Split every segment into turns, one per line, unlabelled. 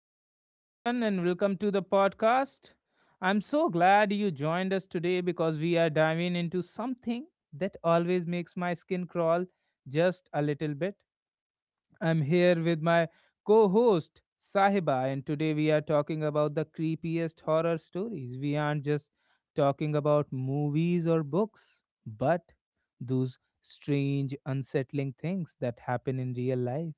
Hello, everyone, and welcome to the podcast. I'm so glad you joined us today because we are diving into something that always makes my skin crawl just a little bit. I'm here with my co host, Sahiba, and today we are talking about the creepiest horror stories. We aren't just talking about movies or books, but those strange, unsettling things that happen in real life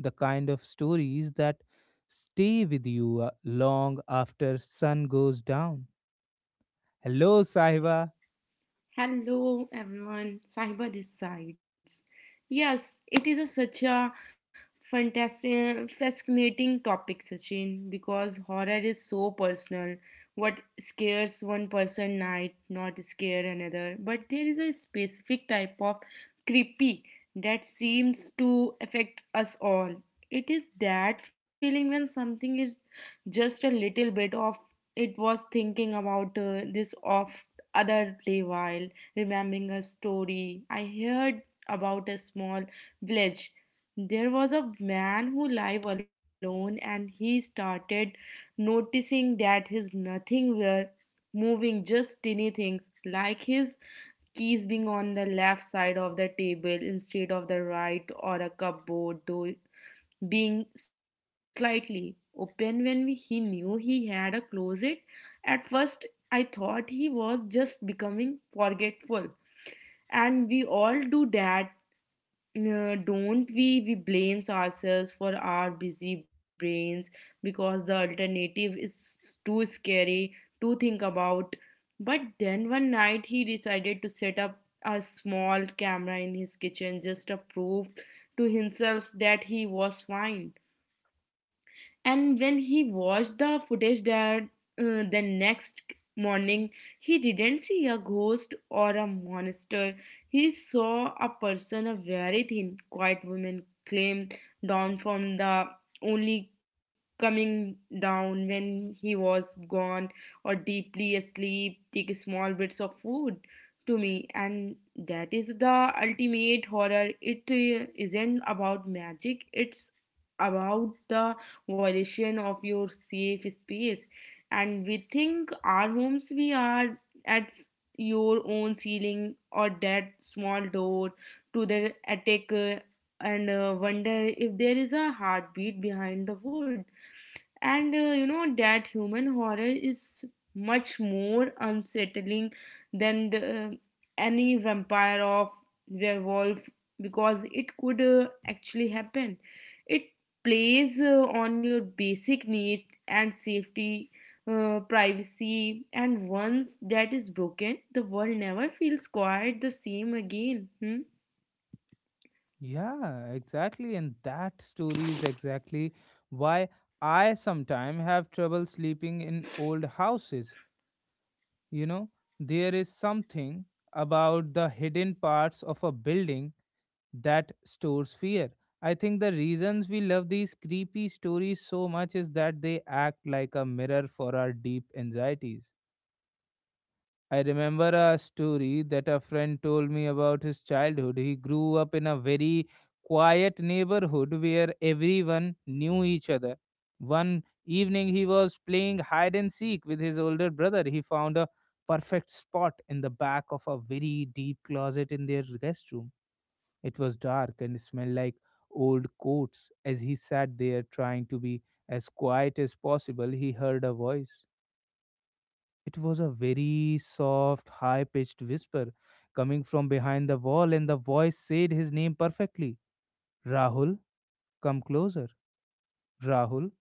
the kind of stories that stay with you long after sun goes down. Hello, Sahiba.
Hello, everyone. Cyber decides. Yes, it is a, such a fantastic, fascinating topic, Sachin, because horror is so personal. What scares one person might not scare another, but there is a specific type of creepy that seems to affect us all. It is that feeling when something is just a little bit of it was thinking about this off other play while remembering a story I heard about a small village. There was a man who lived alone and he started noticing that his nothing were moving, just tiny things like his keys being on the left side of the table instead of the right, or a cupboard door being slightly open when we, he knew he had a closet. At first I thought he was just becoming forgetful, and we all do that, don't we? We blames ourselves for our busy brains because the alternative is too scary to think about. But then one night he decided to set up a small camera in his kitchen just to prove to himself that he was fine. And when he watched the footage that the next morning, he didn't see a ghost or a monster. He saw a person, a very thin quiet woman came down from the only coming down when he was gone or deeply asleep, take small bits of food. To me, and that is the ultimate horror. It isn't about magic, it's about the violation of your safe space. And we think our homes we are at your own ceiling or that small door to the attacker, and wonder if there is a heartbeat behind the wood. And you know that human horror is much more unsettling than any vampire or werewolf, because it could actually happen. It plays on your basic needs and safety, privacy, and once that is broken, the world never feels quiet the same again. Hmm?
Yeah, exactly. And that story is exactly why I sometimes have trouble sleeping in old houses. You know, there is something about the hidden parts of a building that stores fear. I think the reasons we love these creepy stories so much is that they act like a mirror for our deep anxieties. I remember a story that a friend told me about his childhood. He grew up in a very quiet neighborhood where everyone knew each other. One evening, he was playing hide and seek with his older brother. He found a perfect spot in the back of a very deep closet in their guest room. It was dark and smelled like old coats. As he sat there trying to be as quiet as possible, he heard a voice. It was a very soft, high pitched whisper coming from behind the wall, and the voice said his name perfectly. Rahul, come closer. Rahul,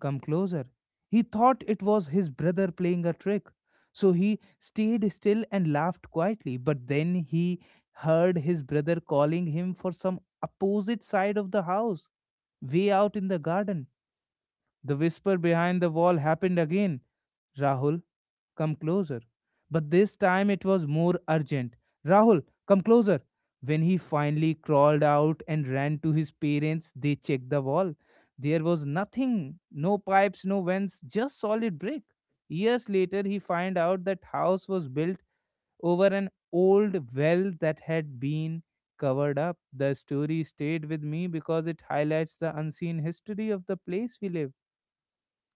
come closer. He thought it was his brother playing a trick. So he stayed still and laughed quietly, but then he heard his brother calling him for some opposite side of the house, way out in the garden. The whisper behind the wall happened again. Rahul, come closer. But this time it was more urgent. Rahul, come closer. When he finally crawled out and ran to his parents, they checked the wall. There was nothing, no pipes, no vents, just solid brick. Years later, he found out that house was built over an old well that had been covered up. The story stayed with me because it highlights the unseen history of the place we live.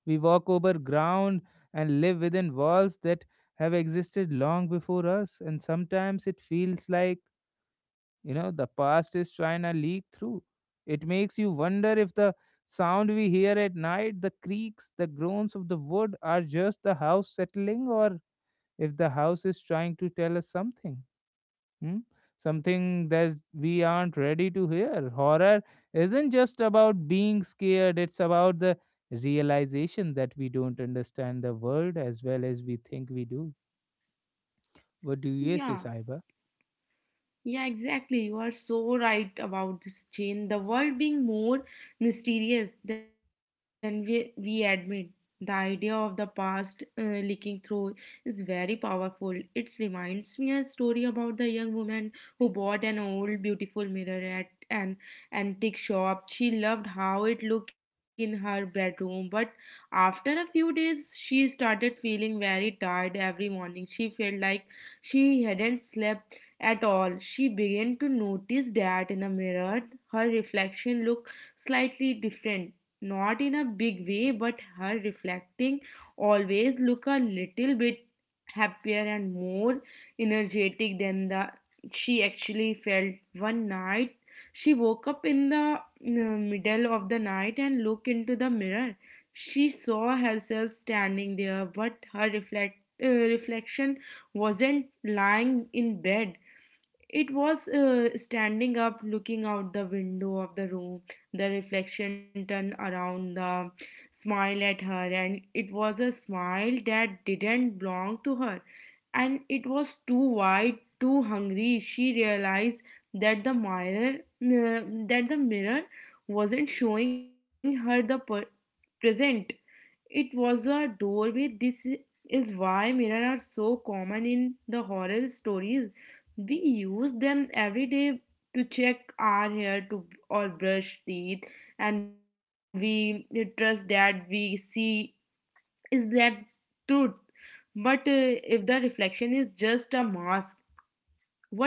We walk over ground and live within walls that have existed long before us, and sometimes it feels like the past is trying to leak through. It makes you wonder if the sound we hear at night, the creaks, the groans of the wood, are just the house settling, or if the house is trying to tell us something. Hmm? Something that we aren't ready to hear. Horror isn't just about being scared, it's about the realization that we don't understand the world as well as we think we do. What do you say,
Yeah.
Saiba?
Yeah, exactly. You are so right about this chain. The world being more mysterious than we admit. The idea of the past leaking through is very powerful. It reminds me a story about the young woman who bought an old beautiful mirror at an antique shop. She loved how it looked in her bedroom, but after a few days, she started feeling very tired every morning. She felt like she hadn't slept at all. She began to notice that in the mirror her reflection looked slightly different. Not in a big way, but her reflecting always looked a little bit happier and more energetic than the she actually felt. One night she woke up in the middle of the night and looked into the mirror. She saw herself standing there, but her reflection wasn't lying in bed. It was standing up, looking out the window of the room. The reflection turned around, the smile at her, and it was a smile that didn't belong to her. And it was too wide, too hungry. She realized that that the mirror, wasn't showing her the present. It was a doorway. This is why mirrors are so common in the horror stories. We use them every day to check our hair to or brush teeth, and we trust that we see is that truth. But if the reflection is just a mask,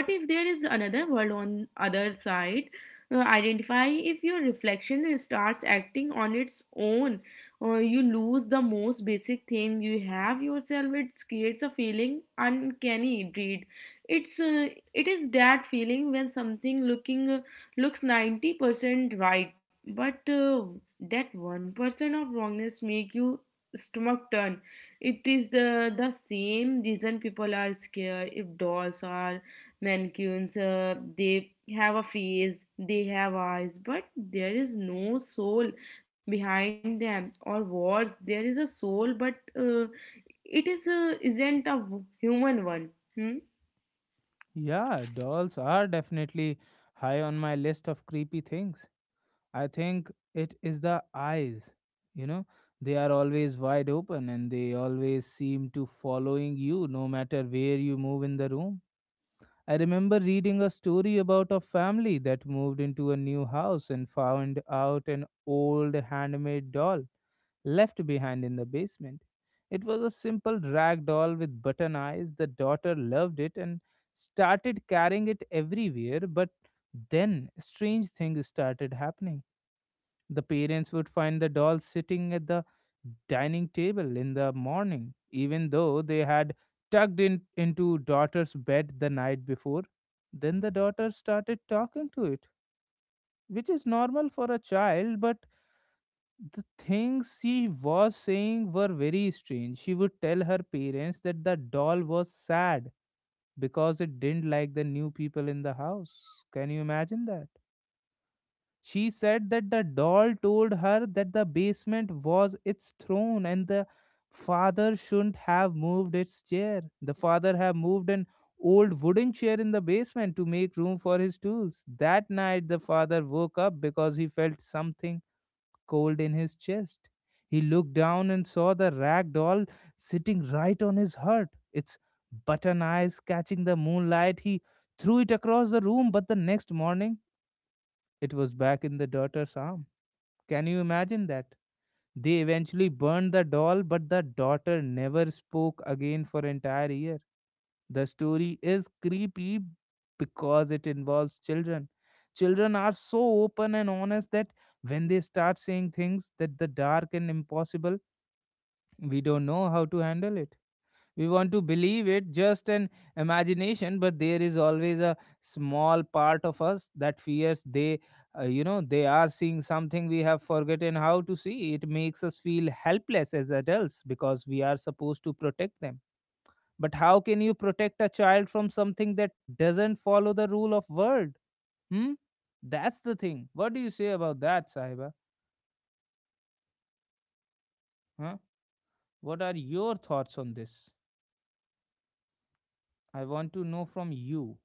what if there is another world on other side? Identify if your reflection starts acting on its own. You lose the most basic thing you have yourself. It creates a feeling uncanny dread. It's uh, it is that feeling when something looking looks 90% right, but that 1% of wrongness make you stomach turn. It is the same reason people are scared. If dolls are mannequins, they have a face, they have eyes, but there is no soul behind them. Or worse, there is a soul, but it is isn't a human one. Hmm?
Yeah, dolls are definitely high on my list of creepy things. I think it is the eyes. You know, they are always wide open and they always seem to following you no matter where you move in the room. I remember reading a story about a family that moved into a new house and found out an old handmade doll left behind in the basement. It was a simple rag doll with button eyes. The daughter loved it and started carrying it everywhere, but then strange things started happening. The parents would find the dolls sitting at the dining table in the morning, even though they had tucked in into daughter's bed the night before. Then the daughter started talking to it, which is normal for a child, but the things she was saying were very strange. She would tell her parents that the doll was sad because it didn't like the new people in the house. Can you imagine that? She said that the doll told her that the basement was its throne and the father shouldn't have moved its chair. The father had moved an old wooden chair in the basement to make room for his tools. That night, the father woke up because he felt something cold in his chest. He looked down and saw the rag doll sitting right on his heart, its button eyes catching the moonlight. He threw it across the room, but the next morning, it was back in the daughter's arm. Can you imagine that? They eventually burned the doll, but the daughter never spoke again for an entire year. The story is creepy because it involves children. Children are so open and honest that when they start saying things that the dark and impossible, we don't know how to handle it. We want to believe it just an imagination, but there is always a small part of us that fears they they are seeing something we have forgotten how to see. It makes us feel helpless as adults because we are supposed to protect them, but how can you protect a child from something that doesn't follow the rule of world. Hmm. That's the thing. What do you say about that, Sahiba? Huh? What are your thoughts on this? I want to know from you,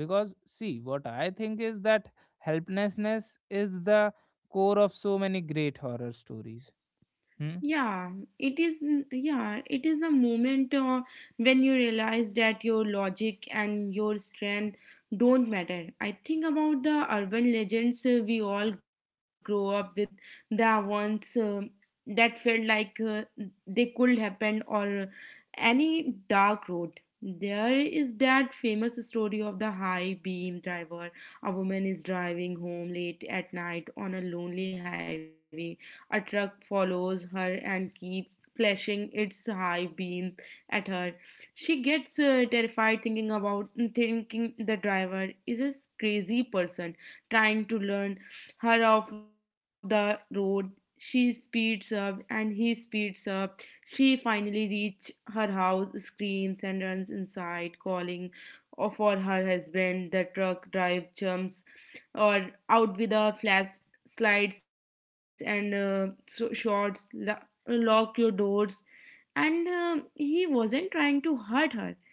because see what I think is that helplessness is the core of so many great horror stories. Hmm.
Yeah, it is. Yeah, it is the moment when you realize that your logic and your strength don't matter. I think about the urban legends we all grow up with, the ones that felt like they could happen, or any dark road. There is that famous story of the high beam driver. A woman is driving home late at night on a lonely highway. A truck follows her and keeps flashing its high beam at her. She gets terrified thinking the driver is a crazy person trying to learn her off the road. She speeds up and he speeds up. She finally reaches her house, screams and runs inside, calling for her husband. The truck driver jumps or out with a flash, slides and shorts, lock your doors. And he wasn't trying to hurt her.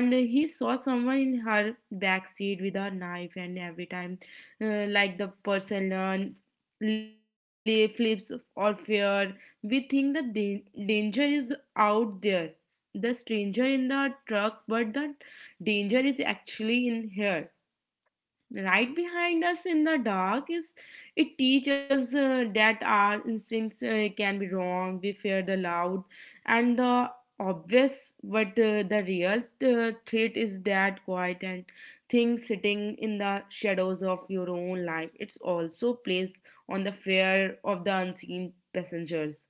And he saw someone in her back seat with a knife, and every time, like the person learn, lay flips or fear, we think the danger is out there. The stranger in the truck, but the danger is actually in here, right behind us in the dark. Is it teaches that our instincts can be wrong. We fear the loud and the obvious, but the real threat is that quiet and thing sitting in the shadows of your own life. It's also plays on the fear of the unseen passengers,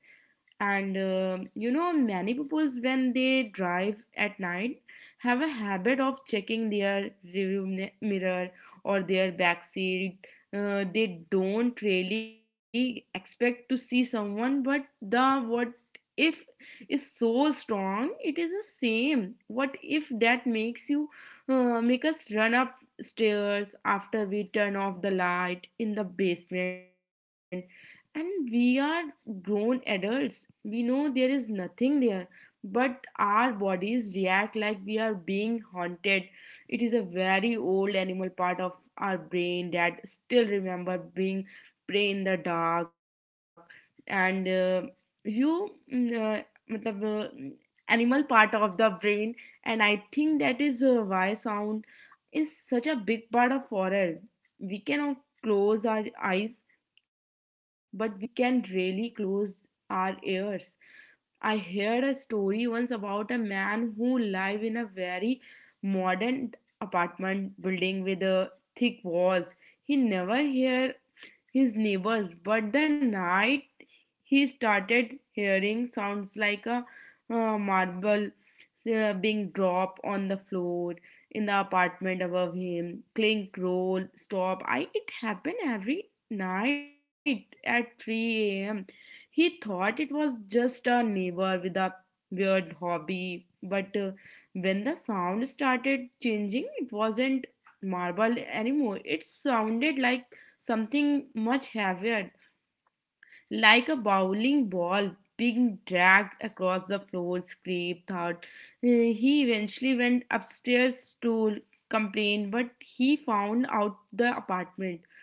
and you know many people when they drive at night have a habit of checking their rearview mirror or their back seat. Uh, they don't really expect to see someone, but the what if is so strong. It is the same what if that makes you make us run up stairs after we turn off the light in the basement, and we are grown adults. We know there is nothing there, but our bodies react like we are being haunted. It is a very old animal part of our brain that still remember being prey in the dark. And you, mm, uh, matlab, uh, animal part of the brain, and I think that is why sound is such a big part of horror. We cannot close our eyes, but we can really close our ears. I heard a story once about a man who lived in a very modern apartment building with thick walls. He never heard his neighbors, but the night he started hearing sounds like a marble being dropped on the floor in the apartment above him, clink, roll, stop. I it happened every night at 3 a.m. He thought it was just a neighbor with a weird hobby, but when the sound started changing, it wasn't marble anymore. It sounded like something much heavier, like a bowling ball being dragged across the floor, scrape thought. He eventually went upstairs to complain, but he found out the apartment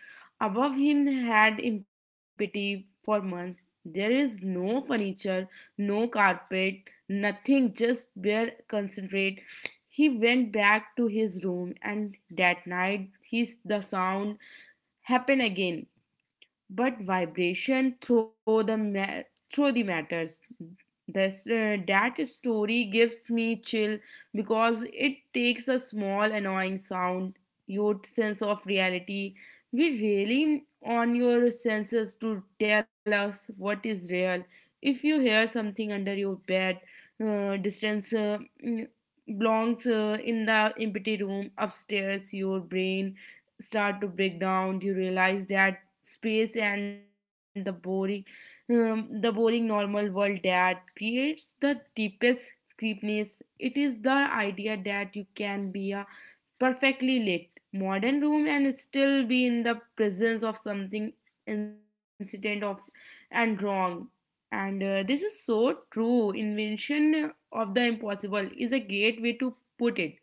above him had empty for months. There is no furniture, no carpet, nothing, just bare concentrate. He went back to his room, and that night, his the sound happened again, but vibration through through the matters. This that story gives me chill because it takes a small annoying sound, your sense of reality. We really on your senses to tell us what is real. If you hear something under your bed, distance, mm, belongs in the empty room upstairs, your brain start to break down. You realize that space and the boring, the boring normal world, that creates the deepest creepiness. It is the idea that you can be a perfectly lit modern room and still be in the presence of something incident of and wrong. And this is so true, invention of the impossible is a great way to put it.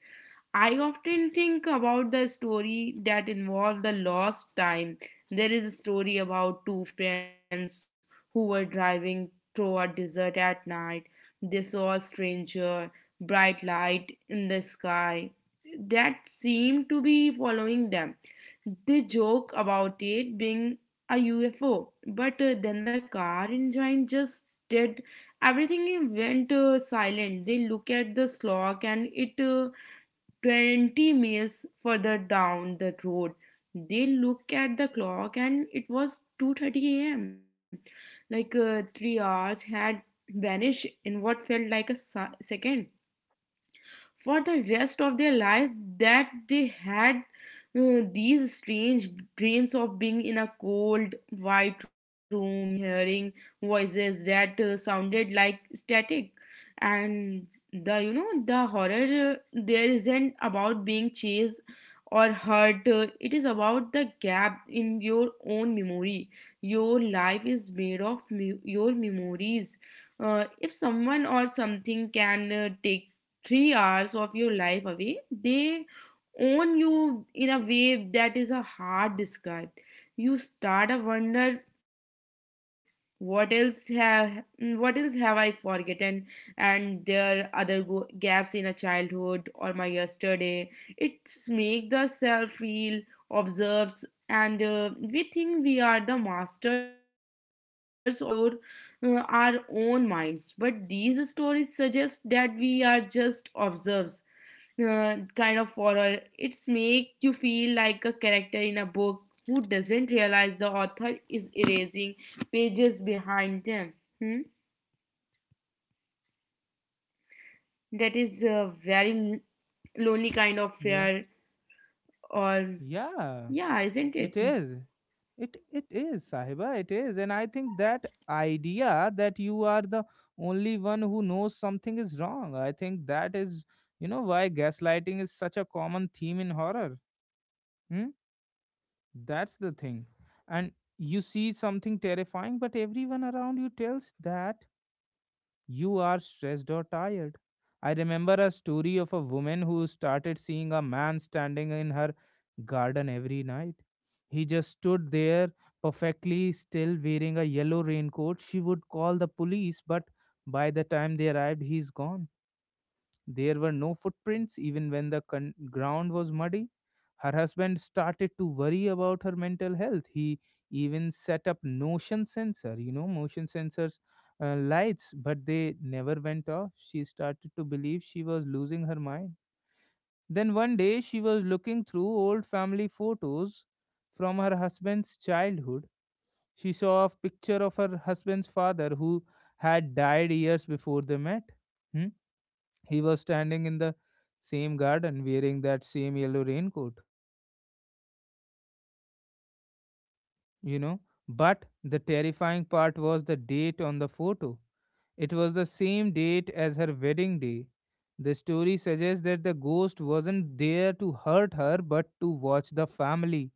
I often think about the story that involved the lost time. There is a story about two friends who were driving through a desert at night. They saw a stranger, bright light in the sky that seemed to be following them. They joke about it being a UFO, but then the car engine just did everything. It went silent. They look at the clock and it 20 miles further down the road they look at the clock and it was 2:30 a.m. Like 3 hours had vanished in what felt like a second. For the rest of their lives that they had these strange dreams of being in a cold white room and hearing voices that sounded like static. And the you know the horror there isn't about being chased or hurt. It is about the gap in your own memory. Your life is made of your memories. Uh, if someone or something can take 3 hours of your life away, they own you in a way that is a hard describe. You start to wonder what else have I forgotten, and there are other gaps in a childhood or my yesterday. It's make the self feel observes. And We think we are the masters of your our own minds, but these stories suggest that we are just observes kind of horror. It's make you feel like a character in a book who doesn't realize the author is erasing pages behind them. Hmm? That is a very lonely kind of
Yeah,
fear, or
yeah,
yeah, isn't
it
it?
is. It is, Sahiba, it is. And I think that idea that you are the only one who knows something is wrong, I think that is, you know, why gaslighting is such a common theme in horror. Hmm? That's the thing. And you see something terrifying, but everyone around you tells that you are stressed or tired. I remember a story of a woman who started seeing a man standing in her garden every night. He just stood there perfectly still wearing a yellow raincoat. She would call the police, but by the time they arrived, he's gone. There were no footprints, even when the ground was muddy. Her husband started to worry about her mental health. He even set up motion sensors lights, but they never went off. She started to believe she was losing her mind. Then one day she was looking through old family photos from her husband's childhood. She saw a picture of her husband's father who had died years before they met. Hmm? He was standing in the same garden wearing that same yellow raincoat. you know. But the terrifying part was the date on the photo. It was the same date as her wedding day. The story suggests that the ghost wasn't there to hurt her but to watch the family.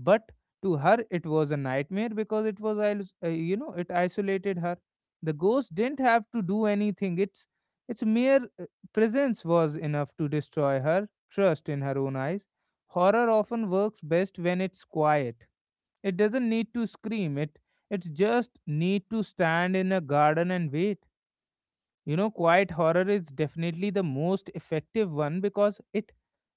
But to her, it was a nightmare because it was, is- you know, it isolated her. The ghost didn't have to do anything. Its mere presence was enough to destroy her trust in her own eyes. Horror often works best when it's quiet. It doesn't need to scream. It just need to stand in a garden and wait. You know, quiet horror is definitely the most effective one because it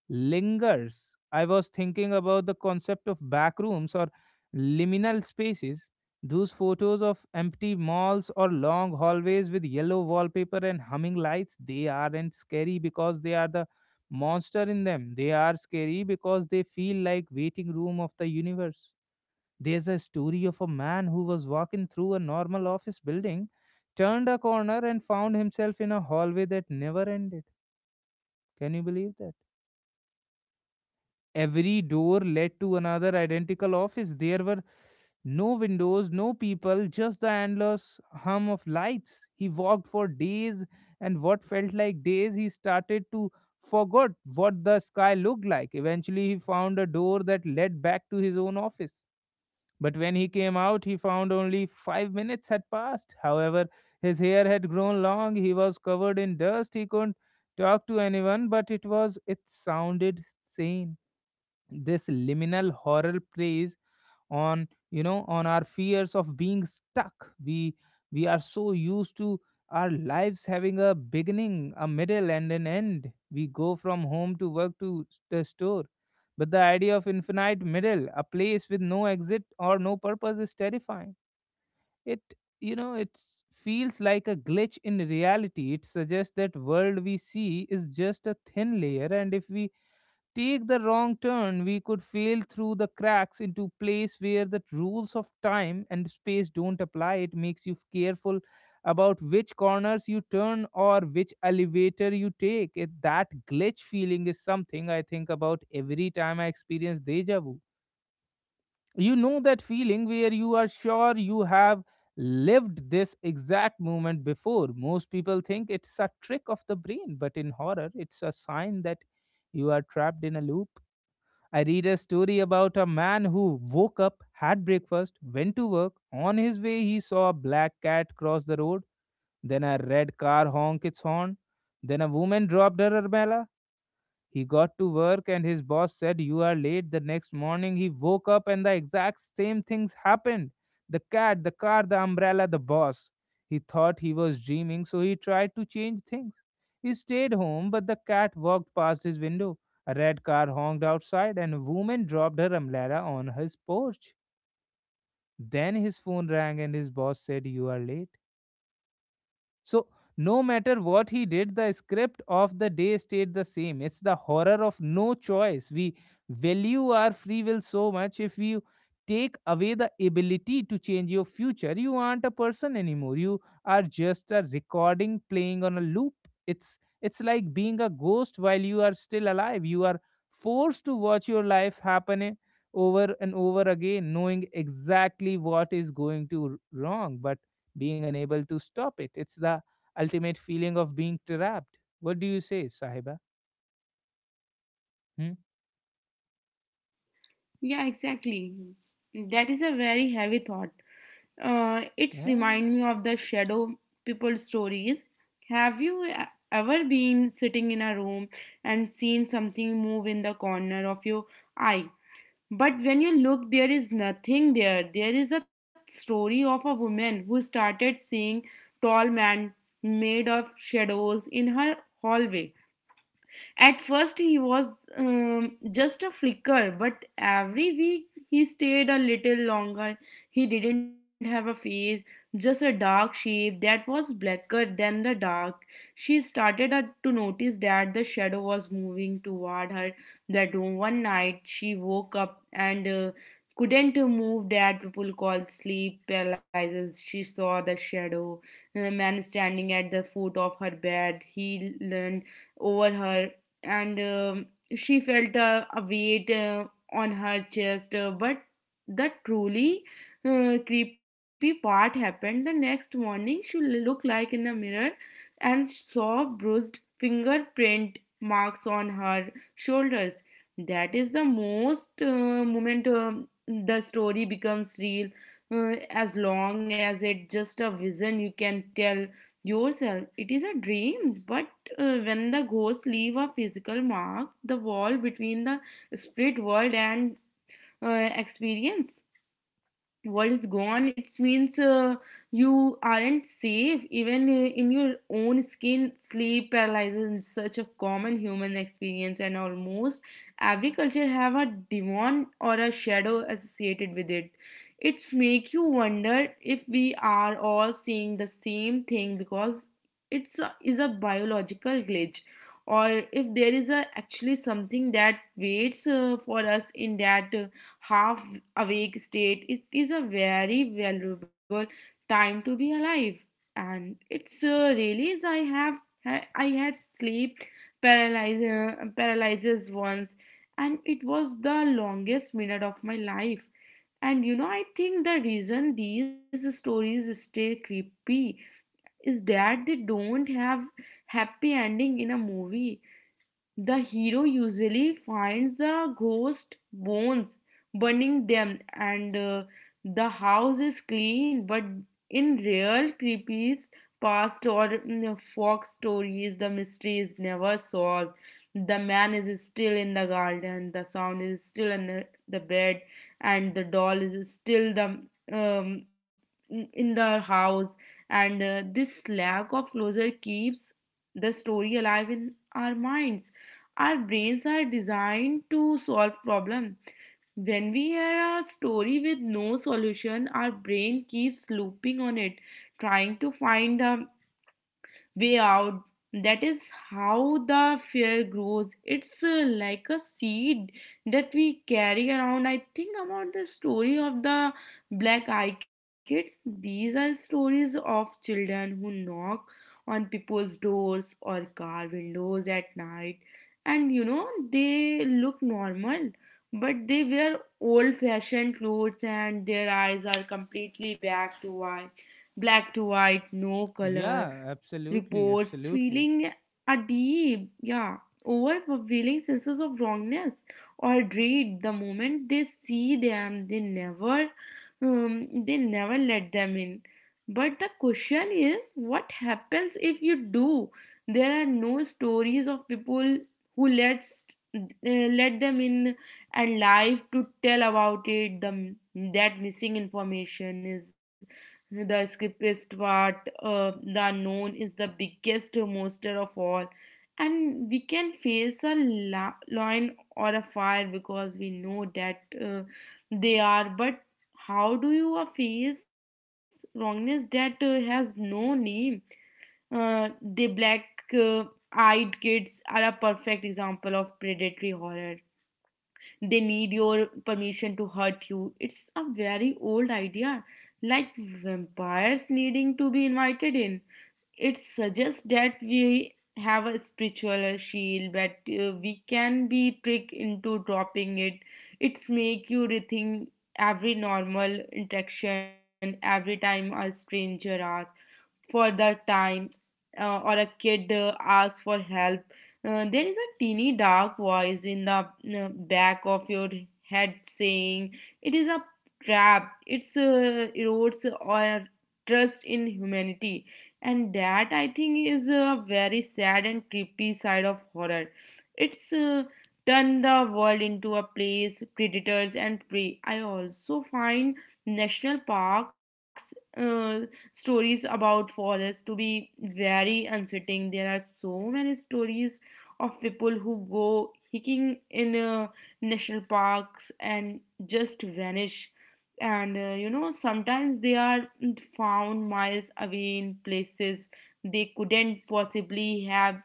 lingers. I was thinking about the concept of back rooms or liminal spaces. Those photos of empty malls or long hallways with yellow wallpaper and humming lights, they aren't scary because they are the monster in them. They are scary because they feel like waiting room of the universe. There's a story of a man who was walking through a normal office building, turned a corner, and found himself in a hallway that never ended. Can you believe that? Every door led to another identical office. There were no windows, no people, just the endless hum of lights. He walked for days, and what felt like days, he started to forgot what the sky looked like. Eventually, he found a door that led back to his own office. But when he came out, he found only 5 minutes had passed. However, his hair had grown long, he was covered in dust, he couldn't talk to anyone, but it was it sounded sane. This liminal horror plays on you know on our fears of being stuck. We are so used to our lives having a beginning, a middle, and an end. We go from home to work to the store, but the idea of infinite middle, a place with no exit or no purpose, is terrifying. It you know it feels like a glitch in reality. It suggests that world we see is just a thin layer, and if we take the wrong turn, we could fail through the cracks into place where the rules of time and space don't apply. It makes you careful about which corners you turn or which elevator you take. It, that glitch feeling is something I think about every time I experience deja vu. You know that feeling where you are sure you have lived this exact moment before. Most people think it's a trick of the brain, but in horror, it's a sign that you are trapped in a loop. I read a story about a man who woke up, had breakfast, went to work. On his way, he saw a black cat cross the road, then a red car honk its horn, then a woman dropped her umbrella, he got to work and his boss said, "You are late." The next morning, he woke up and the exact same things happened, the cat, the car, the umbrella, the boss. He thought he was dreaming, so he tried to change things. He stayed home, but the cat walked past his window. A red car honked outside, and a woman dropped her umbrella on his porch. Then his phone rang, and his boss said, "You are late." So, no matter what he did, the script of the day stayed the same. It's the horror of no choice. We value our free will so much. If you take away the ability to change your future, you aren't a person anymore. You are just a recording playing on a loop. It's like being a ghost while you are still alive. You are forced to watch your life happen, over and over again, knowing exactly what is going to wrong, but being unable to stop it. It's the ultimate feeling of being trapped. What do you say, Sahiba? Hmm?
Yeah, exactly. That is a very heavy thought. It's
Yeah,
remind me of the shadow people stories. Have you ever been sitting in a room and seen something move in the corner of your eye? But when you look, there is nothing there. There is a story of a woman who started seeing tall man made of shadows in her hallway. At first, he was just a flicker, but every week he stayed a little longer. He didn't have a face, just a dark shape that was blacker than the dark. She started to notice that the shadow was moving toward her bedroom. One night, she woke up and couldn't move that people call sleep paralysis. She saw the shadow, a man standing at the foot of her bed. He leaned over her and she felt a weight on her chest. But the truly creepy part happened the next morning. She looked like in the mirror and saw bruised fingerprint marks on her shoulders. That is the most moment the story becomes real. As long as it's just a vision, you can tell yourself it is a dream, but when the ghosts leave a physical mark, the wall between the spirit world and experience world is gone. It means you aren't safe even in your own skin. Sleep paralysis is such a common human experience, and almost every culture have a demon or a shadow associated with it. It's make you wonder if we are all seeing the same thing because is a biological glitch, or if there is actually something that waits for us in that half awake state. It is a very valuable time to be alive. And it's really is. I have I had sleep paralyzer paralyzes once, and it was the longest minute of my life. And you know, I think the reason these stories stay creepy is that they don't have happy ending. In a movie the hero usually finds the ghost bones, burning them, and the house is clean. But in real creepy past or fox stories, the mystery is never solved. The man is still in the garden, the sound is still in the bed, and the doll is still the um, in the house. And This lack of closure keeps the story alive in our minds. Our brains are designed to solve problems. When we hear a story with no solution, our brain keeps looping on it, trying to find a way out. That is how the fear grows. It's like a seed that we carry around. I think about the story of the black eye kids. These are stories of children who knock on people's doors or car windows at night. And you know, they look normal, but they wear old fashioned clothes and their eyes are completely back to white, black to white, no color.
yeah, absolutely,
Reports,
absolutely.
feeling a deep, yeah, overwhelming senses of wrongness or dread the moment they see them. They never let them in. But the question is, what happens if you do? There are no stories of people who lets let them in and live to tell about it. The That missing information is the scriptest part. The unknown is the biggest monster of all. And we can face a lion or a fire because we know that uh, they are. But how do you face wrongness that has no name? The black uh, eyed kids are a perfect example of predatory horror. They need your permission to hurt you. It's a very old idea, like vampires needing to be invited in. It suggests that we have a spiritual shield, but we can be tricked into dropping it. It's make you rethink every normal interaction. Every time a stranger asks for the time or a kid asks for help. There is a teeny dark voice in the back of your head saying, it is a trap. It erodes our trust in humanity. And that I think is a very sad and creepy side of horror. It's turned the world into a place predators and prey. I also find national parks. Stories about forests to be very unsettling. There are so many stories of people who go hiking in national parks and just vanish. And you know, sometimes they are found miles away in places they couldn't possibly have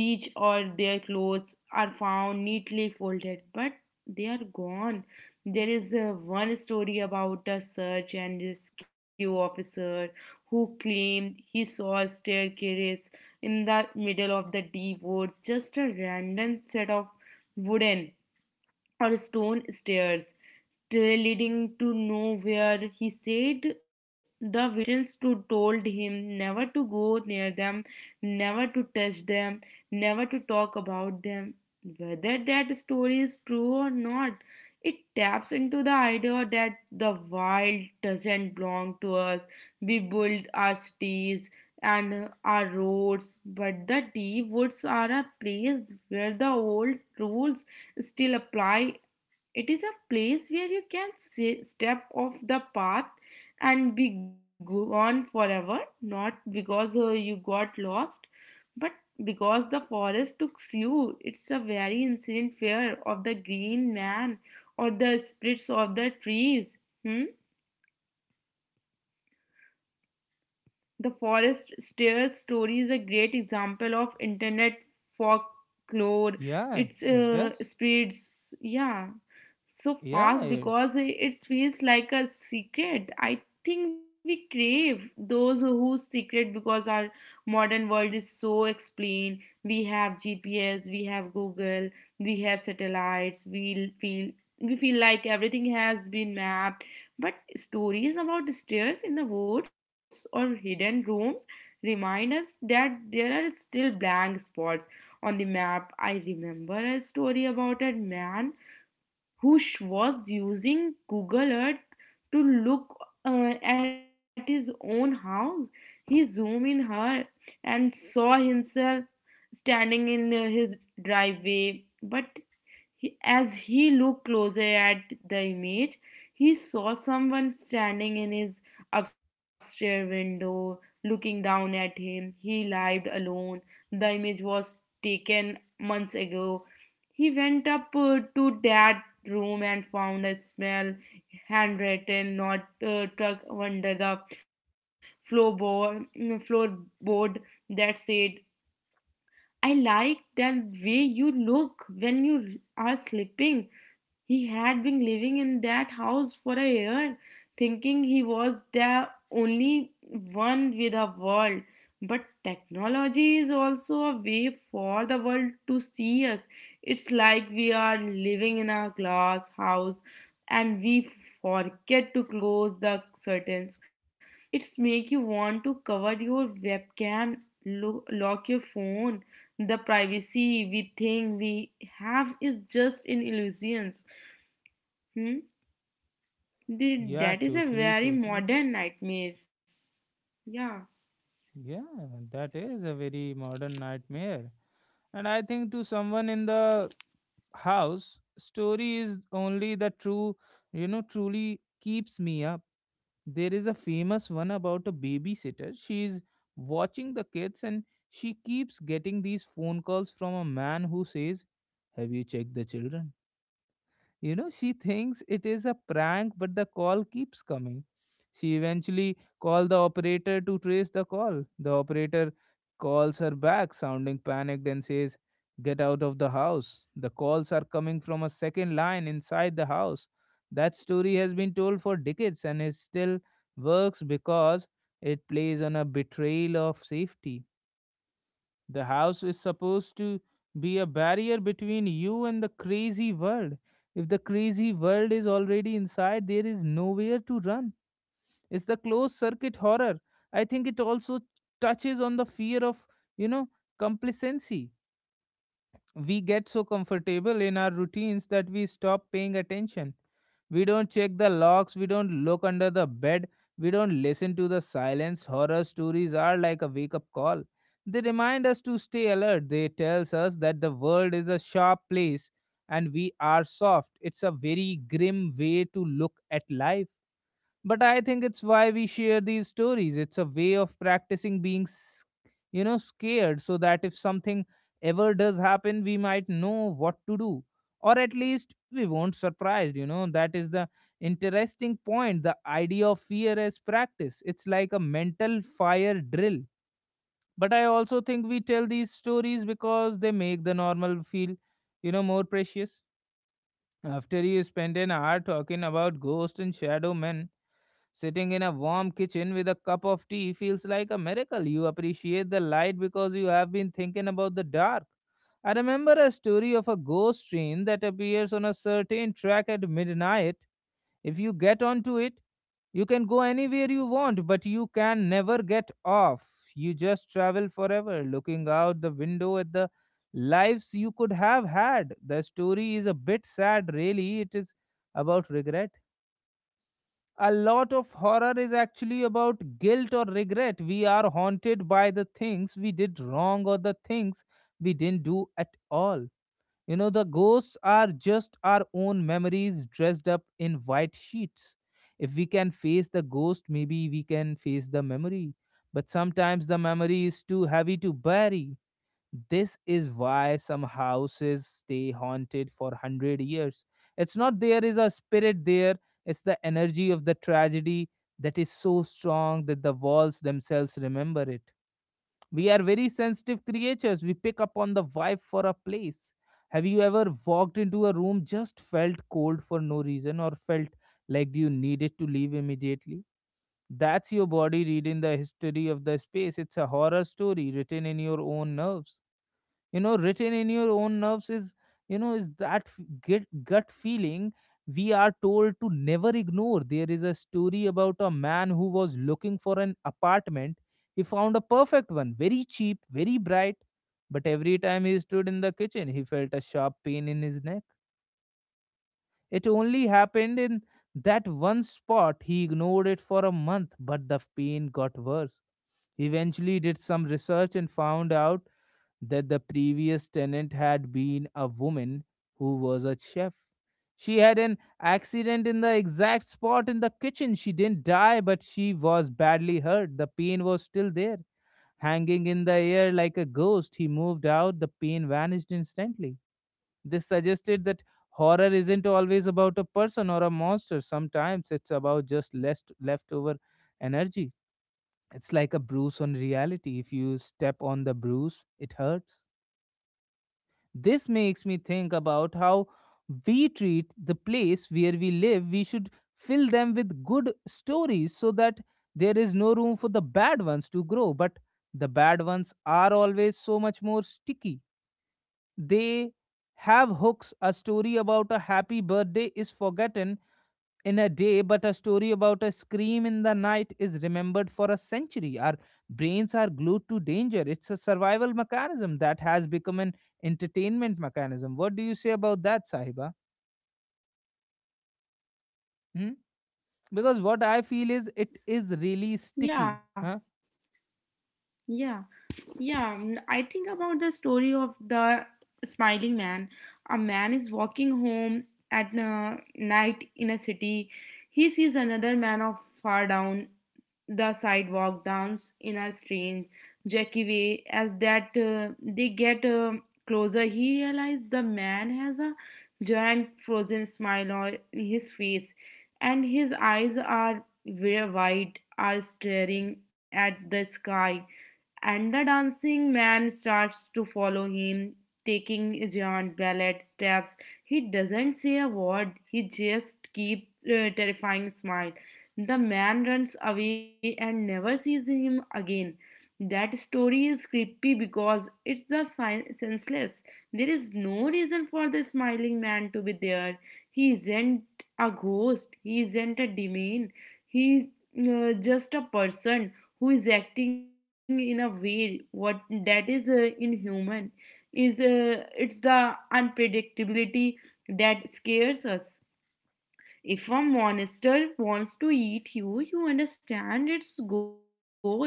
reached, or their clothes are found neatly folded, but they are gone. There is one story about a search and rescue officer who claimed he saw a staircase in the middle of the deep wood, just a random set of wooden or stone stairs leading to nowhere. He said the victims too told him never to go near them, never to touch them, never to talk about them. Whether that story is true or not, it taps into the idea that the wild doesn't belong to us. We build our cities and our roads, but the deep woods are a place where the old rules still apply. It is a place where you can say step off the path and be gone forever, not because you got lost, but because the forest took you. It's a very incident fear of the green man or the spirits of the trees. Hmm? The Forest Stairs story is a great example of internet folklore.
Yeah,
It
it does.
spreads, yeah, so
Yeah,
fast
it-
because it feels like a secret. I think we crave those whose secret because our modern world is so explained. We have GPS, we have Google, we have satellites. We feel like everything has been mapped. But stories about stairs in the woods or hidden rooms remind us that there are still blank spots on the map. I remember a story about a man who was using Google Earth to look at his own house. He zoomed in her and saw himself standing in his driveway, but as he looked closer at the image, he saw someone standing in his upstairs window looking down at him. He lived alone. The image was taken months ago. He went up to that room and found a small handwritten note tucked under the floorboard that said, I like that way you look when you are sleeping. He had been living in that house for a year, thinking he was the only one with the world. But technology is also a way for the world to see us. It's like we are living in a glass house and we forget to close the curtains. It's make you want to cover your webcam, lock your phone. The privacy we think we have is just an illusion. Hmm?
yeah,
That is a
totally,
very
totally.
modern nightmare. Yeah,
Yeah, that is a very modern nightmare. And I think to someone in the house, story is only the true, you know, truly keeps me up. There is a famous one about a babysitter. She is watching the kids and she keeps getting these phone calls from a man who says, "Have you checked the children?" You know, she thinks it is a prank, but the call keeps coming. She eventually called the operator to trace the call. The operator calls her back, sounding panicked, and says, "Get out of the house. The calls are coming from a second line inside the house." That story has been told for decades and it still works because it plays on a betrayal of safety. The house is supposed to be a barrier between you and the crazy world. If the crazy world is already inside, there is nowhere to run. It's the closed circuit horror. I think it also touches on the fear of, you know, complacency. We get so comfortable in our routines that we stop paying attention. We don't check the locks, we don't look under the bed, we don't listen to the silence. Horror stories are like a wake up call. They remind us to stay alert. They tells us that the world is a sharp place and we are soft. It's a very grim way to look at life. But I think it's why we share these stories. It's a way of practicing being, you know, scared, so that if something ever does happen, we might know what to do. Or at least we won't surprised, you know. That is the interesting point. The idea of fear as practice. It's like a mental fire drill. But I also think we tell these stories because they make the normal feel, you know, more precious. After you spend an hour talking about ghosts and shadow men, sitting in a warm kitchen with a cup of tea feels like a miracle. You appreciate the light because you have been thinking about the dark. I remember a story of a ghost train that appears on a certain track at midnight. If you get onto it, you can go anywhere you want, but you can never get off. You just travel forever, looking out the window at the lives you could have had. The story is a bit sad, really. It is about regret. A lot of horror is actually about guilt or regret. We are haunted by the things we did wrong or the things we didn't do at all. You know, the ghosts are just our own memories dressed up in white sheets. If we can face the ghost, maybe we can face the memory. But sometimes the memory is too heavy to bury. This is why some houses stay haunted for 100 years. It's not there is a spirit there, it's the energy of the tragedy that is so strong that the walls themselves remember it. We are very sensitive creatures. We pick up on the vibe for a place. Have you ever walked into a room, just felt cold for no reason, or felt like you needed to leave immediately? That's your body reading the history of the space. It's a horror story written in your own nerves. You know, written in your own nerves is, you know, is that get gut feeling we are told to never ignore. There is a story about a man who was looking for an apartment. He found a perfect one, very cheap, very bright, but every time he stood in the kitchen he felt a sharp pain in his neck. It only happened in that one spot. He ignored it for a month, but the pain got worse. He eventually did some research and found out that the previous tenant had been a woman who was a chef. She had an accident in the exact spot in the kitchen. She didn't die, but she was badly hurt. The pain was still there, hanging in the air like a ghost. He moved out, the pain vanished instantly. This suggested that horror isn't always about a person or a monster. Sometimes it's about just less leftover energy. It's like a bruise on reality. If you step on the bruise, it hurts. This makes me think about how we treat the place where we live. We should fill them with good stories so that there is no room for the bad ones to grow. But the bad ones are always so much more sticky. They have hooks. A story about a happy birthday is forgotten in a day, but a story about a scream in the night is remembered for a century. Our brains are glued to danger. It's a survival mechanism that has become an entertainment mechanism. What do you say about that, Sahiba? Hmm? Because what I feel is it is really sticky,
yeah,
huh?
yeah, yeah. Mm, I think about the story of the smiling man. A man is walking home at night in a city. He sees another man of far down the sidewalk dance in a strange, jerky way. As that they get closer, he realizes the man has a giant frozen smile on his face, and his eyes are very wide, are staring at the sky, and the dancing man starts to follow him, taking giant ballet steps. He doesn't say a word, he just keeps a terrifying smile. The man runs away and never sees him again. That story is creepy because it's the senseless. There is no reason for the smiling man to be there. He isn't a ghost. He isn't a demon. He's just a person who is acting in a way what that is inhuman. Is It's the unpredictability that scares us. If a monster wants to eat you, you understand its goal.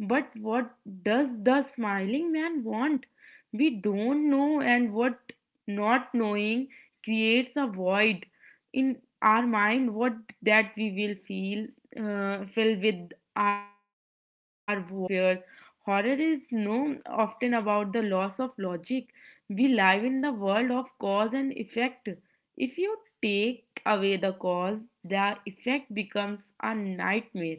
But what does the smiling man want? We don't know, and what not knowing creates a void in our mind. What That we will feel, fill with our worst fears. Horror is no often about the loss of logic. We live in the world of cause and effect. If you take away the cause, the effect becomes a nightmare.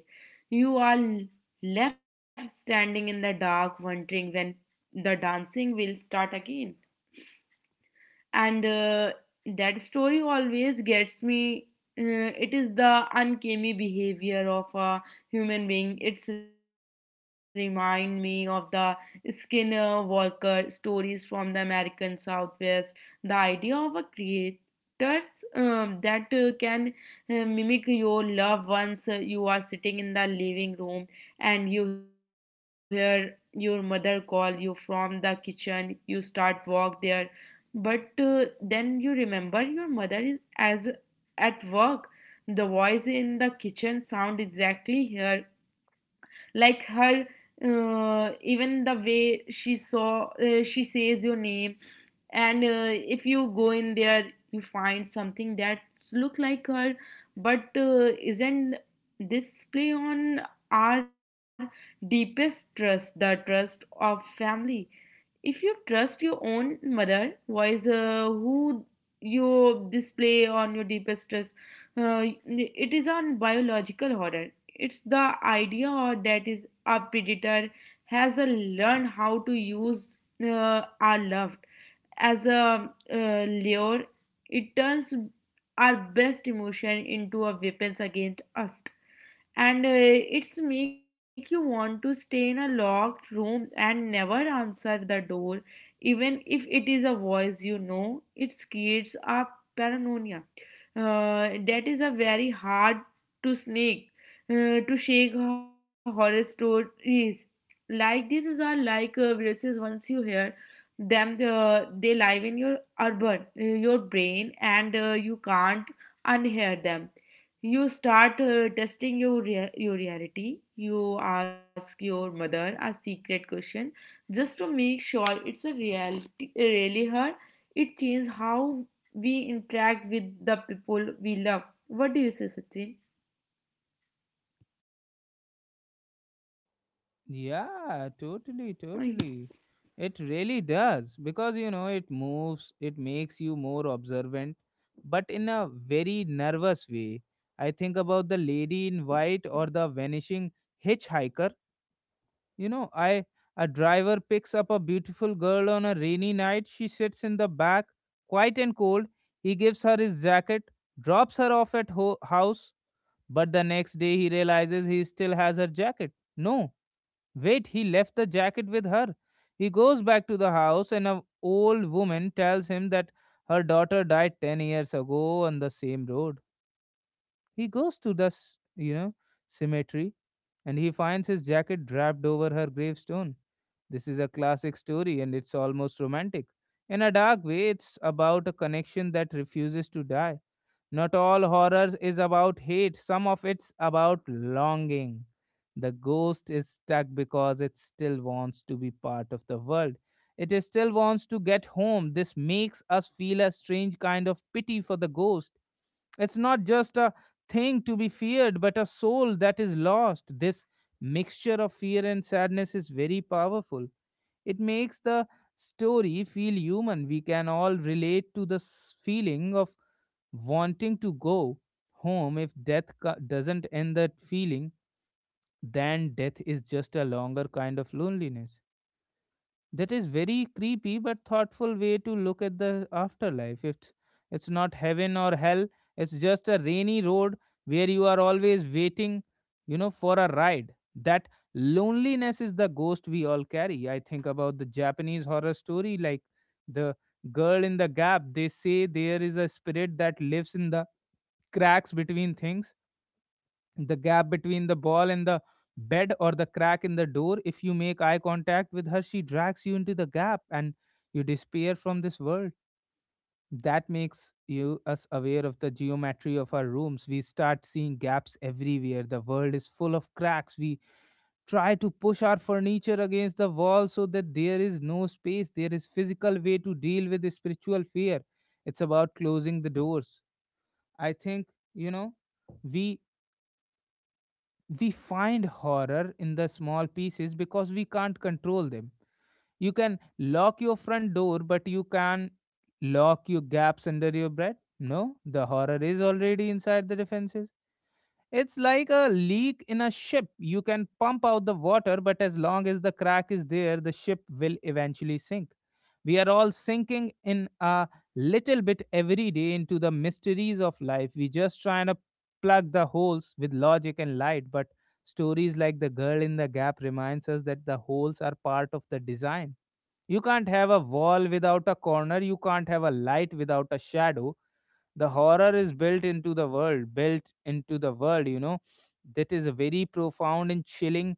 You are left standing in the dark, wondering when the dancing will start again, and that story always gets me. It is the uncanny behavior of a human being. It's remind me of the Skinner Walker stories from the American Southwest. The idea of a creator that can mimic your love once. You are sitting in the living room and you hear your mother call you from the kitchen. You start walk there, but then you remember your mother is as at work. The voice in the kitchen sound exactly her like her, even the way she says your name. And if you go in there you find something that look like her, but isn't. This play on our deepest trust, the trust of family. If you trust your own mother voice, who you display on your deepest trust. It is on biological horror. It's the idea or that is a predator has a learned how to use our love as a lure. It turns our best emotion into a weapons against us, and it's make you want to stay in a locked room and never answer the door, even if it is a voice you know. It creates a paranoia that is a very hard to snake to shake her horror stories. Like these are like viruses. Once you hear them, they live in your your brain, and you can't unhear them. You start testing your your reality. You ask your mother a secret question just to make sure it's a reality. Really, her it changes how we interact with the people we love. What do you say, Sachin?
Yeah, totally, totally. It really does because you know it moves, it makes you more observant, but in a very nervous way. I think about the lady in white or the vanishing hitchhiker. You know, I, a driver picks up a beautiful girl on a rainy night. She sits in the back, quiet and cold. He gives her his jacket, drops her off at house, but the next day he realizes he still has her jacket. No, wait, he left the jacket with her. He goes back to the house, and an old woman tells him that her daughter died 10 years ago on the same road. He goes to the, you know, cemetery, and he finds his jacket draped over her gravestone. This is a classic story and it's almost romantic. In a dark way, it's about a connection that refuses to die. Not all horror is about hate, some of it's about longing. The ghost is stuck because it still wants to be part of the world. It is still wants to get home. This makes us feel a strange kind of pity for the ghost. It's not just a thing to be feared, but a soul that is lost. This mixture of fear and sadness is very powerful. It makes the story feel human. We can all relate to the feeling of wanting to go home. If death doesn't end that feeling, then death is just a longer kind of loneliness. That is very creepy but thoughtful way to look at the afterlife. It's not heaven or hell. It's just a rainy road where you are always waiting, you know, for a ride. That loneliness is the ghost we all carry. I think about the Japanese horror story like the girl in the gap. They say there is a spirit that lives in the cracks between things, the gap between the ball and the bed, or the crack in the door. If you make eye contact with her, she drags you into the gap and you disappear from this world. That makes you us aware of the geometry of our rooms. We start seeing gaps everywhere. The world is full of cracks. We try to push our furniture against the wall so that there is no space. There is physical way to deal with the spiritual fear. It's about closing the doors. I think, you know, we we find horror in the small pieces because we can't control them. You can lock your front door, but you can lock your gaps under your bed. No, the horror is already inside the defenses. It's like a leak in a ship. You can pump out the water, but as long as the crack is there, the ship will eventually sink. We are all sinking in a little bit every day into the mysteries of life. We just trying to plug the holes with logic and light, but stories like the girl in the gap reminds us that the holes are part of the design. You can't have a wall without a corner, you can't have a light without a shadow, the horror is built into the world built into the world. That is a very profound and chilling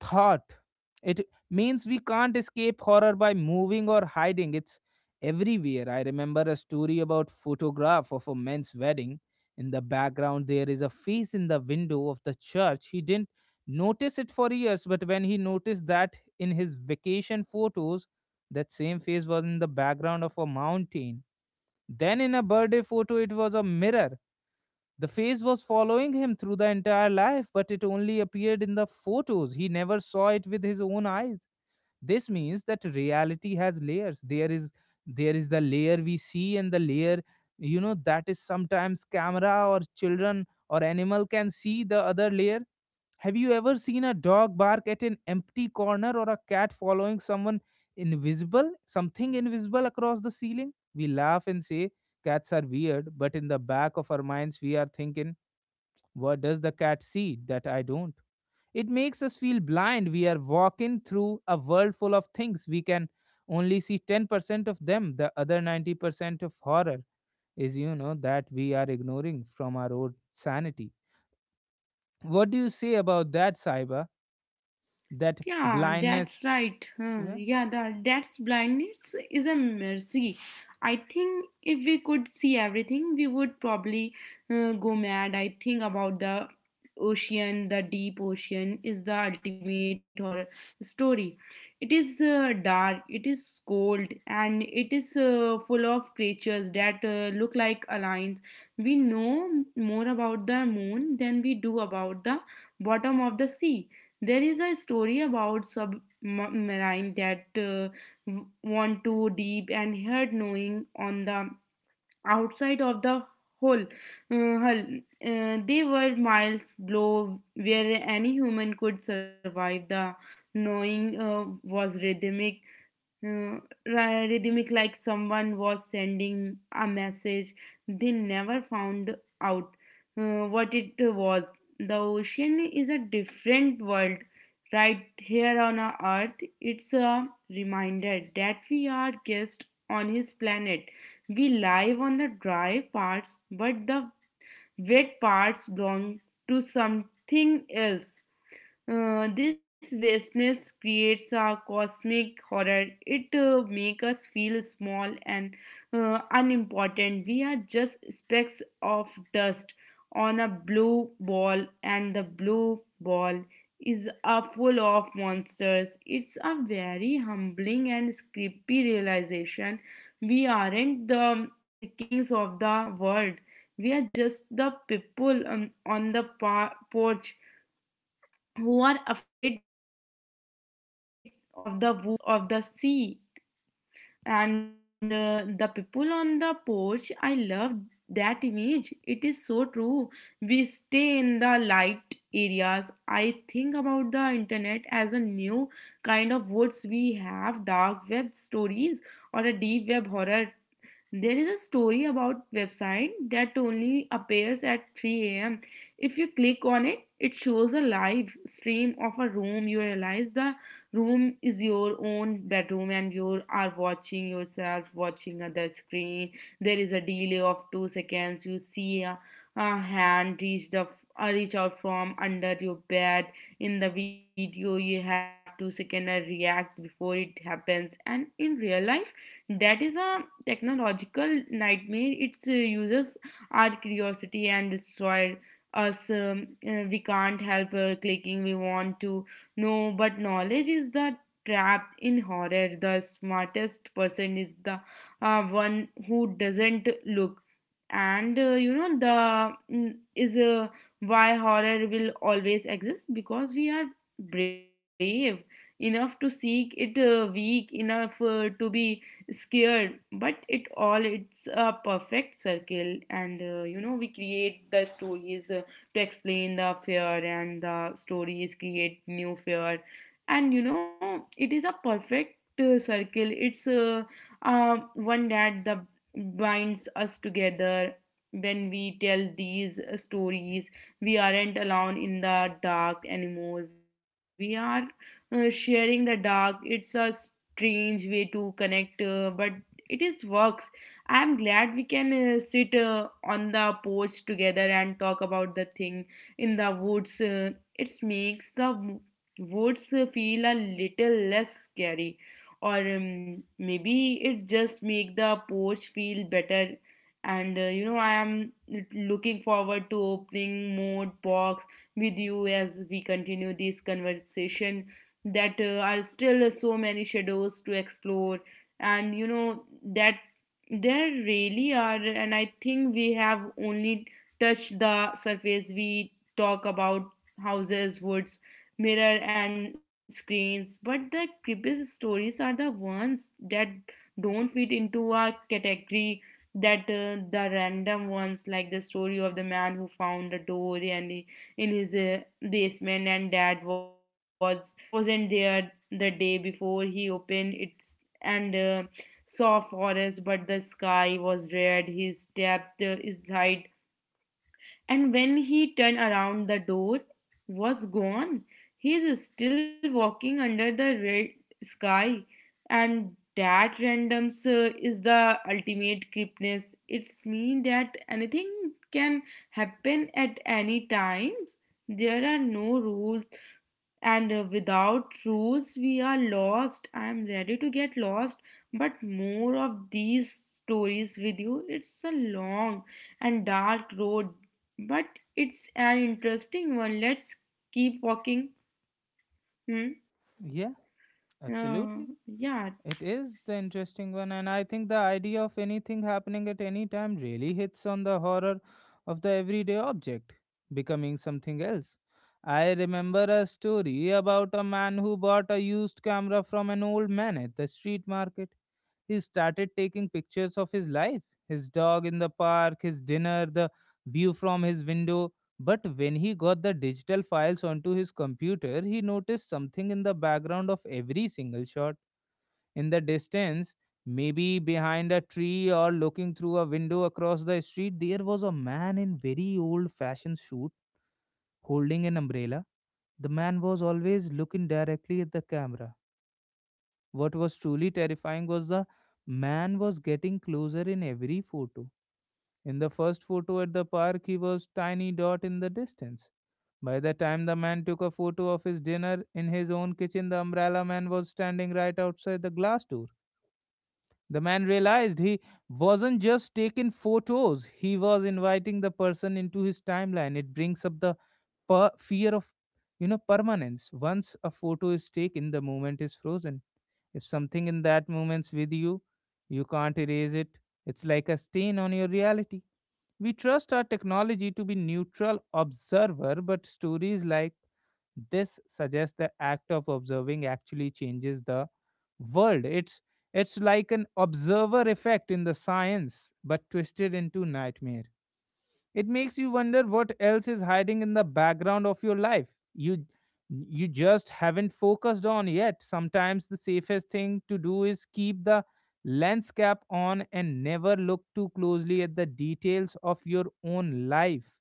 thought. It means we can't escape horror by moving or hiding. It's everywhere. I remember a story about photograph of a man's wedding. In the background there is a face in the window of the church. He didn't notice it for years, but when he noticed that in his vacation photos, that same face was in the background of a mountain. Then, in a birthday photo, it was a mirror. The face was following him through the entire life, but it only appeared in the photos. He never saw it with his own eyes. This means that reality has layers. There is the layer we see and the layer. That is sometimes camera or children or animal can see the other layer. Have you ever seen a dog bark at an empty corner or a cat following someone something invisible across the ceiling? We laugh and say cats are weird, but in the back of our minds, we are thinking, what does the cat see that I don't? It makes us feel blind. We are walking through a world full of things. We can only see 10% of them. The other 90% of horror is, that we are ignoring from our own sanity. What do you say about that, Saiba? That
Yeah, that's
blindness.
right. Huh.
Yeah.
Yeah, the that's blindness is a mercy. I think if we could see everything, we would probably go mad. I think about the ocean. The deep ocean is the ultimate horror story. It is dark, it is cold, and it is full of creatures that look like aliens. We know more about the moon than we do about the bottom of the sea. There is a story about submarine that went too deep and heard knowing on the outside of the hole. Hull. They were miles below where any human could survive. The knowing was rhythmic, uh, rhythmic, like someone was sending a message. They never found out what it was. The ocean is a different world right here on our earth. It's a reminder that we are guests on his planet. We live on the dry parts, but the wet parts belong to something else. This vastness creates a cosmic horror. It makes us feel small and unimportant. We are just specks of dust on a blue ball, and the blue ball is full of monsters. It's a very humbling and creepy realization. We aren't the kings of the world. We are just the people on the porch, who are afraid of the woods of the sea, and the people on the porch. I love that image. It is so true. We stay in the light areas. I think about the internet as a new kind of woods. We have dark web stories or a deep web horror. There is a story about website that only appears at 3 a.m. If you click on it, it shows a live stream of a room. You realize the room is your own bedroom and you are watching yourself watching other screen. There is a delay of 2 seconds. You see a hand reach out from under your bed in the video. You have to second react before it happens, and in real life that is a technological nightmare. Its users our curiosity and destroy us. We can't help clicking. We want to know, but knowledge is the trap in horror. The smartest person is the one who doesn't look. And you know the is why horror will always exist, because we are brave enough to seek it, weak enough to be scared. But it all it's a perfect circle, and you know we create the stories to explain the fear, and the stories create new fear. And you know it is a perfect circle. It's one that the binds us together. When we tell these stories, we aren't alone in the dark anymore. We are sharing the dark. It's us strange way to connect, but it is works. I'm glad we can sit on the porch together and talk about the thing in the woods. It makes the woods feel a little less scary, or maybe it just make the porch feel better. And you know, I am looking forward to opening more box with you as we continue this conversation. That are still so many shadows to explore, and you know that there really are. And I think we have only touched the surface. We talk about houses, woods, mirror and screens, but the creepiest stories are the ones that don't fit into a category. That the random ones, like the story of the man who found a door and in his basement, and dad was wasn't there the day before he opened it. And saw forest, but the sky was red. He stepped inside, and when he turned around the door was gone. He is still walking under the red sky. And that random is the ultimate creepiness. It's mean that anything can happen at any time. There are no rules, and without rules we are lost. I am ready to get lost but more of these stories with you. It's a long and dark road, but it's an interesting one. Let's keep walking. Hmm.
Yeah,
Uh,
absolutely.
yeah.
It is the interesting one, and I think the idea of anything happening at any time really hits on the horror of the everyday object becoming something else. I remember a story about a man who bought a used camera from an old man at the street market. He started taking pictures of his life, his dog in the park, his dinner, the view from his window. But when he got the digital files onto his computer, he noticed something in the background of every single shot. In the distance, maybe behind a tree or looking through a window across the street, there was a man in very old fashioned suit holding an umbrella. The man was always looking directly at the camera. What was truly terrifying was the man was getting closer in every photo. In the first photo at the park, he was tiny dot in the distance. By the time the man took a photo of his dinner in his own kitchen, the umbrella man was standing right outside the glass door. The man realized he wasn't just taking photos, he was inviting the person into his timeline. It brings up the fear of, permanence. Once a photo is taken, the moment is frozen. If something in that moment's with you, you can't erase it. It's like a stain on your reality. We trust our technology to be neutral observer, but stories like this suggests the act of observing actually changes the world. It's like an observer effect in the science, but twisted into nightmare. It makes you wonder what else is hiding in the background of your life. You you just haven't focused on yet. Sometimes the safest thing to do is keep the lens cap on and never look too closely at the details of your own life.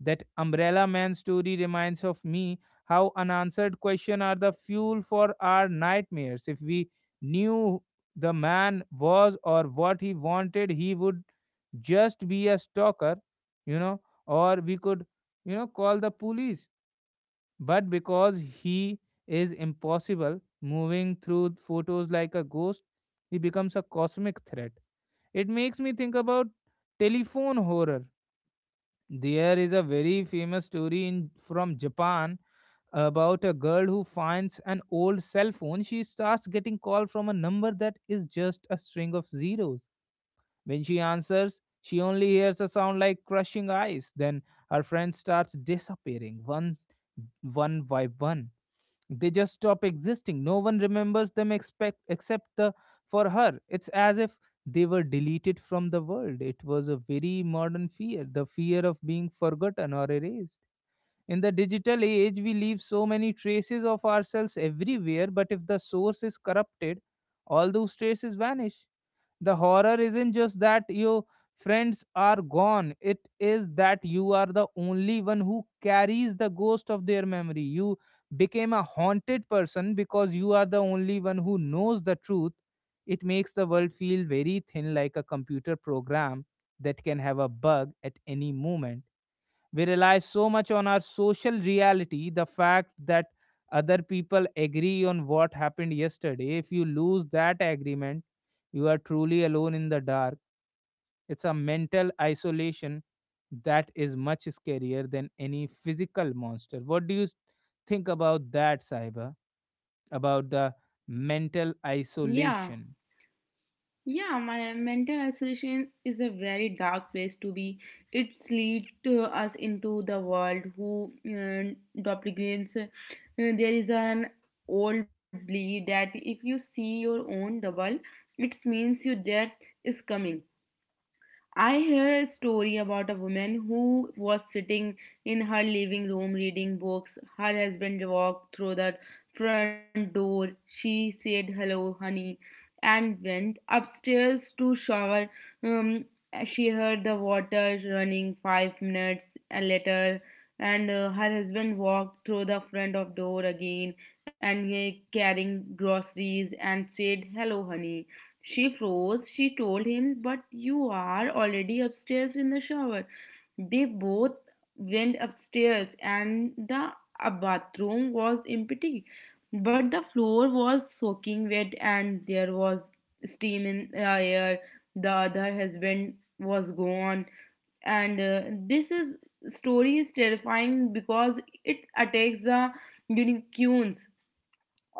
That umbrella man story reminds of me how unanswered questions are the fuel for our nightmares. If we knew the man was or what he wanted, he would just be a stalker, you know, or we could, call the police. But because he is impossible, moving through photos like a ghost, he becomes a cosmic threat. It makes me think about telephone horror. There is a very famous story from Japan about a girl who finds an old cell phone. She starts getting call from a number that is just a string of zeros. When she answers, she only hears a sound like crushing ice. Then her friend starts disappearing one by one. They just stop existing. No one remembers them except the for her. It's as if they were deleted from the world. It was a very modern fear, the fear of being forgotten or erased. In the digital age we leave so many traces of ourselves everywhere, but if the source is corrupted, all those traces vanish. The horror isn't just that your friends are gone, it is that you are the only one who carries the ghost of their memory. You became a haunted person because you are the only one who knows the truth. It makes the world feel very thin, like a computer program that can have a bug at any moment. We rely so much on our social reality, the fact that other people agree on what happened yesterday. If you lose that agreement, you are truly alone in the dark. It's a mental isolation that is much scarier than any physical monster. What do you think about that, Saiba? About the mental
Yeah,
isolation?
Yeah, my mental isolation is a very dark place to be. It's lead to us into the world who duplicates. There is an old belief that if you see your own double, it means your death is coming. I hear a story about a woman who was sitting in her living room reading books. Her husband walked through the front door. She said, "Hello, honey," and went upstairs to shower. Um, she heard the water running 5 minutes later, and her husband walked through the front of door again, and carrying groceries, and said, "Hello, honey." She froze. She told him, "But you are already upstairs in the shower." They both went upstairs, and the bathroom was empty. But the floor was soaking wet, and there was steam in the air. The other husband was gone. And this is story is terrifying because it attacks the unicorns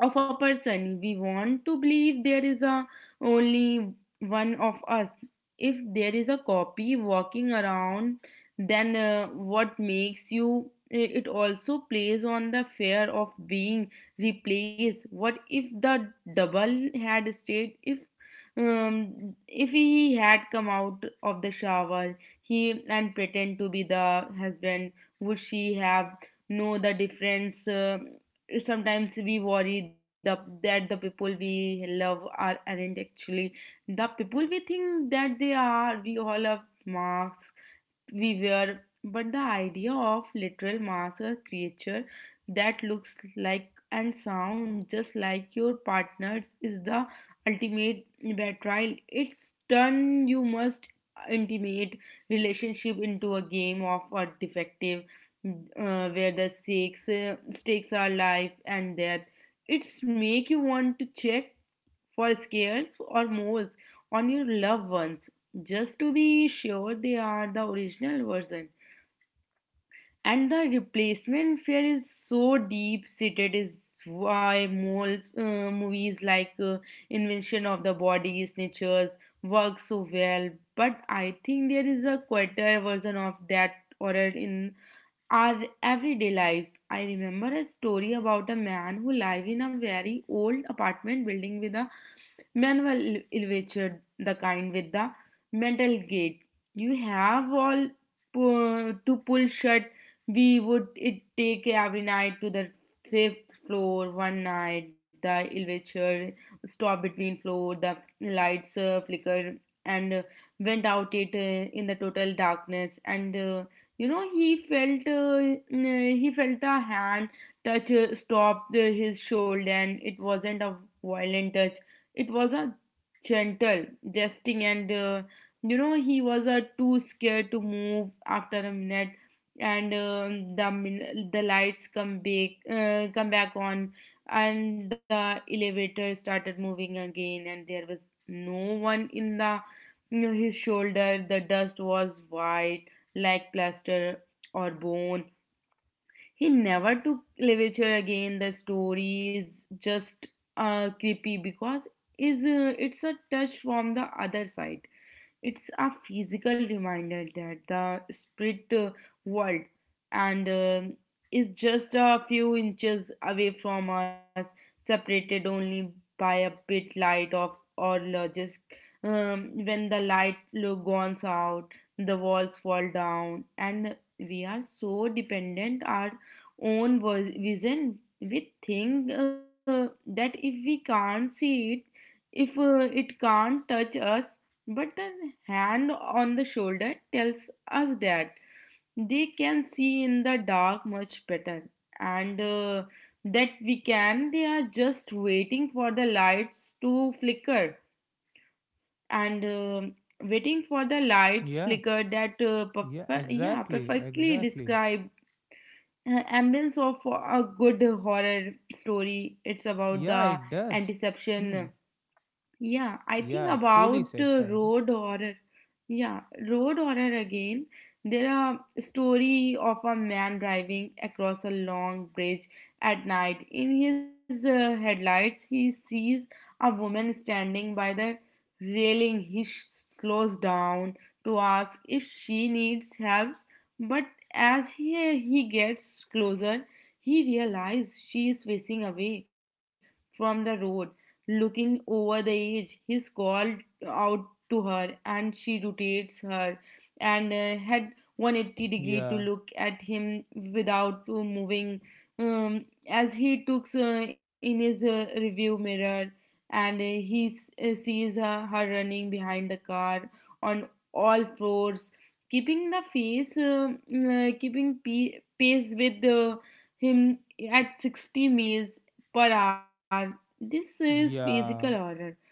of a person. We want to believe there is a only one of us. If there is a copy walking around, then what makes you. It also plays on the fear of being replaced. What if the double had stayed? If he had come out of the shower, he and pretend to be the husband, would she have know the difference? Sometimes we worry that the people we love are aren't actually the people we think that they are. We all have masks we were, but the idea of literal mask, a creature that looks like and sounds just like your partner's, is the ultimate betrayal. It's done you must intimate relationship into a game of a defective, where the stakes are life and death. It's make you want to check for scares or moles on your loved ones just to be sure they are the original version. And the replacement fear is so deep seated, is why more movies like Invention of the Body, Snatchers work so well. But I think there is a quieter version of that horror in our everyday lives. I remember a story about a man who lived in a very old apartment building with a Manuel Ilvichard, the kind with the metal gate. You have all to pull shut. We would it take every night to the fifth floor one night. The Ilvichard stopped between floor. The lights flickered and went out it in the total darkness. And you know he felt he felt a hand touch, stopped, his shoulder. And it wasn't a violent touch, it was a gentle jesting, and you know, he was too scared to move after a minute. And the the lights come back on, and the elevator started moving again, and there was no one in the, you know, his shoulder. The dust was white like plaster or bone. He never took Levature again. The story is just creepy because is it's a touch from the other side. It's a physical reminder that the spirit world and is just a few inches away from us, separated only by a bit light of or logic. When the light goes out, the walls fall down, and we are so dependent our own vision. We think that if we can't see it, if it can't touch us. But the hand on the shoulder tells us that they can see in the dark much better and that we can. They are just waiting for the lights to flicker. And waiting for the lights
Yeah,
flicker, that
yeah,
yeah,
exactly,
perfectly
exactly.
describe ambience of a good horror story. It's about
Yeah,
the
it does. Hmm.
anticipation. Yeah, I think
Yeah, truly
about
said Saiba.
road horror. Yeah, road horror again. There are story of a man driving across a long bridge at night. In his headlights, he sees a woman standing by the railing. He slows down to ask if she needs help, but as he gets closer, he realizes she is facing away from the road. Looking over the edge, he called out to her, and she rotates her and head 180 degree to
Yeah.
look at him without moving. As he looks in his review mirror, and sees her running behind the car on all fours, keeping the face keeping pace with him at 60 miles per hour. This is physical
Yeah,
order.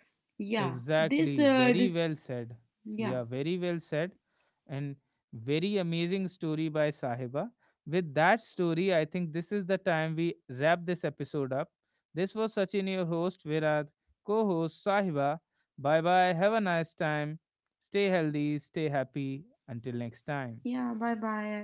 Yeah. This
exactly.
uh this
Very well said.
yeah.
Yeah, very well said. And very amazing story by Sahiba. With that story, I think this is the time we wrap this episode up. This was Sachin, your host, Virad, co host Sahiba. Bye bye. Have a nice time. Stay healthy, stay happy. Until next time.
Yeah, bye bye.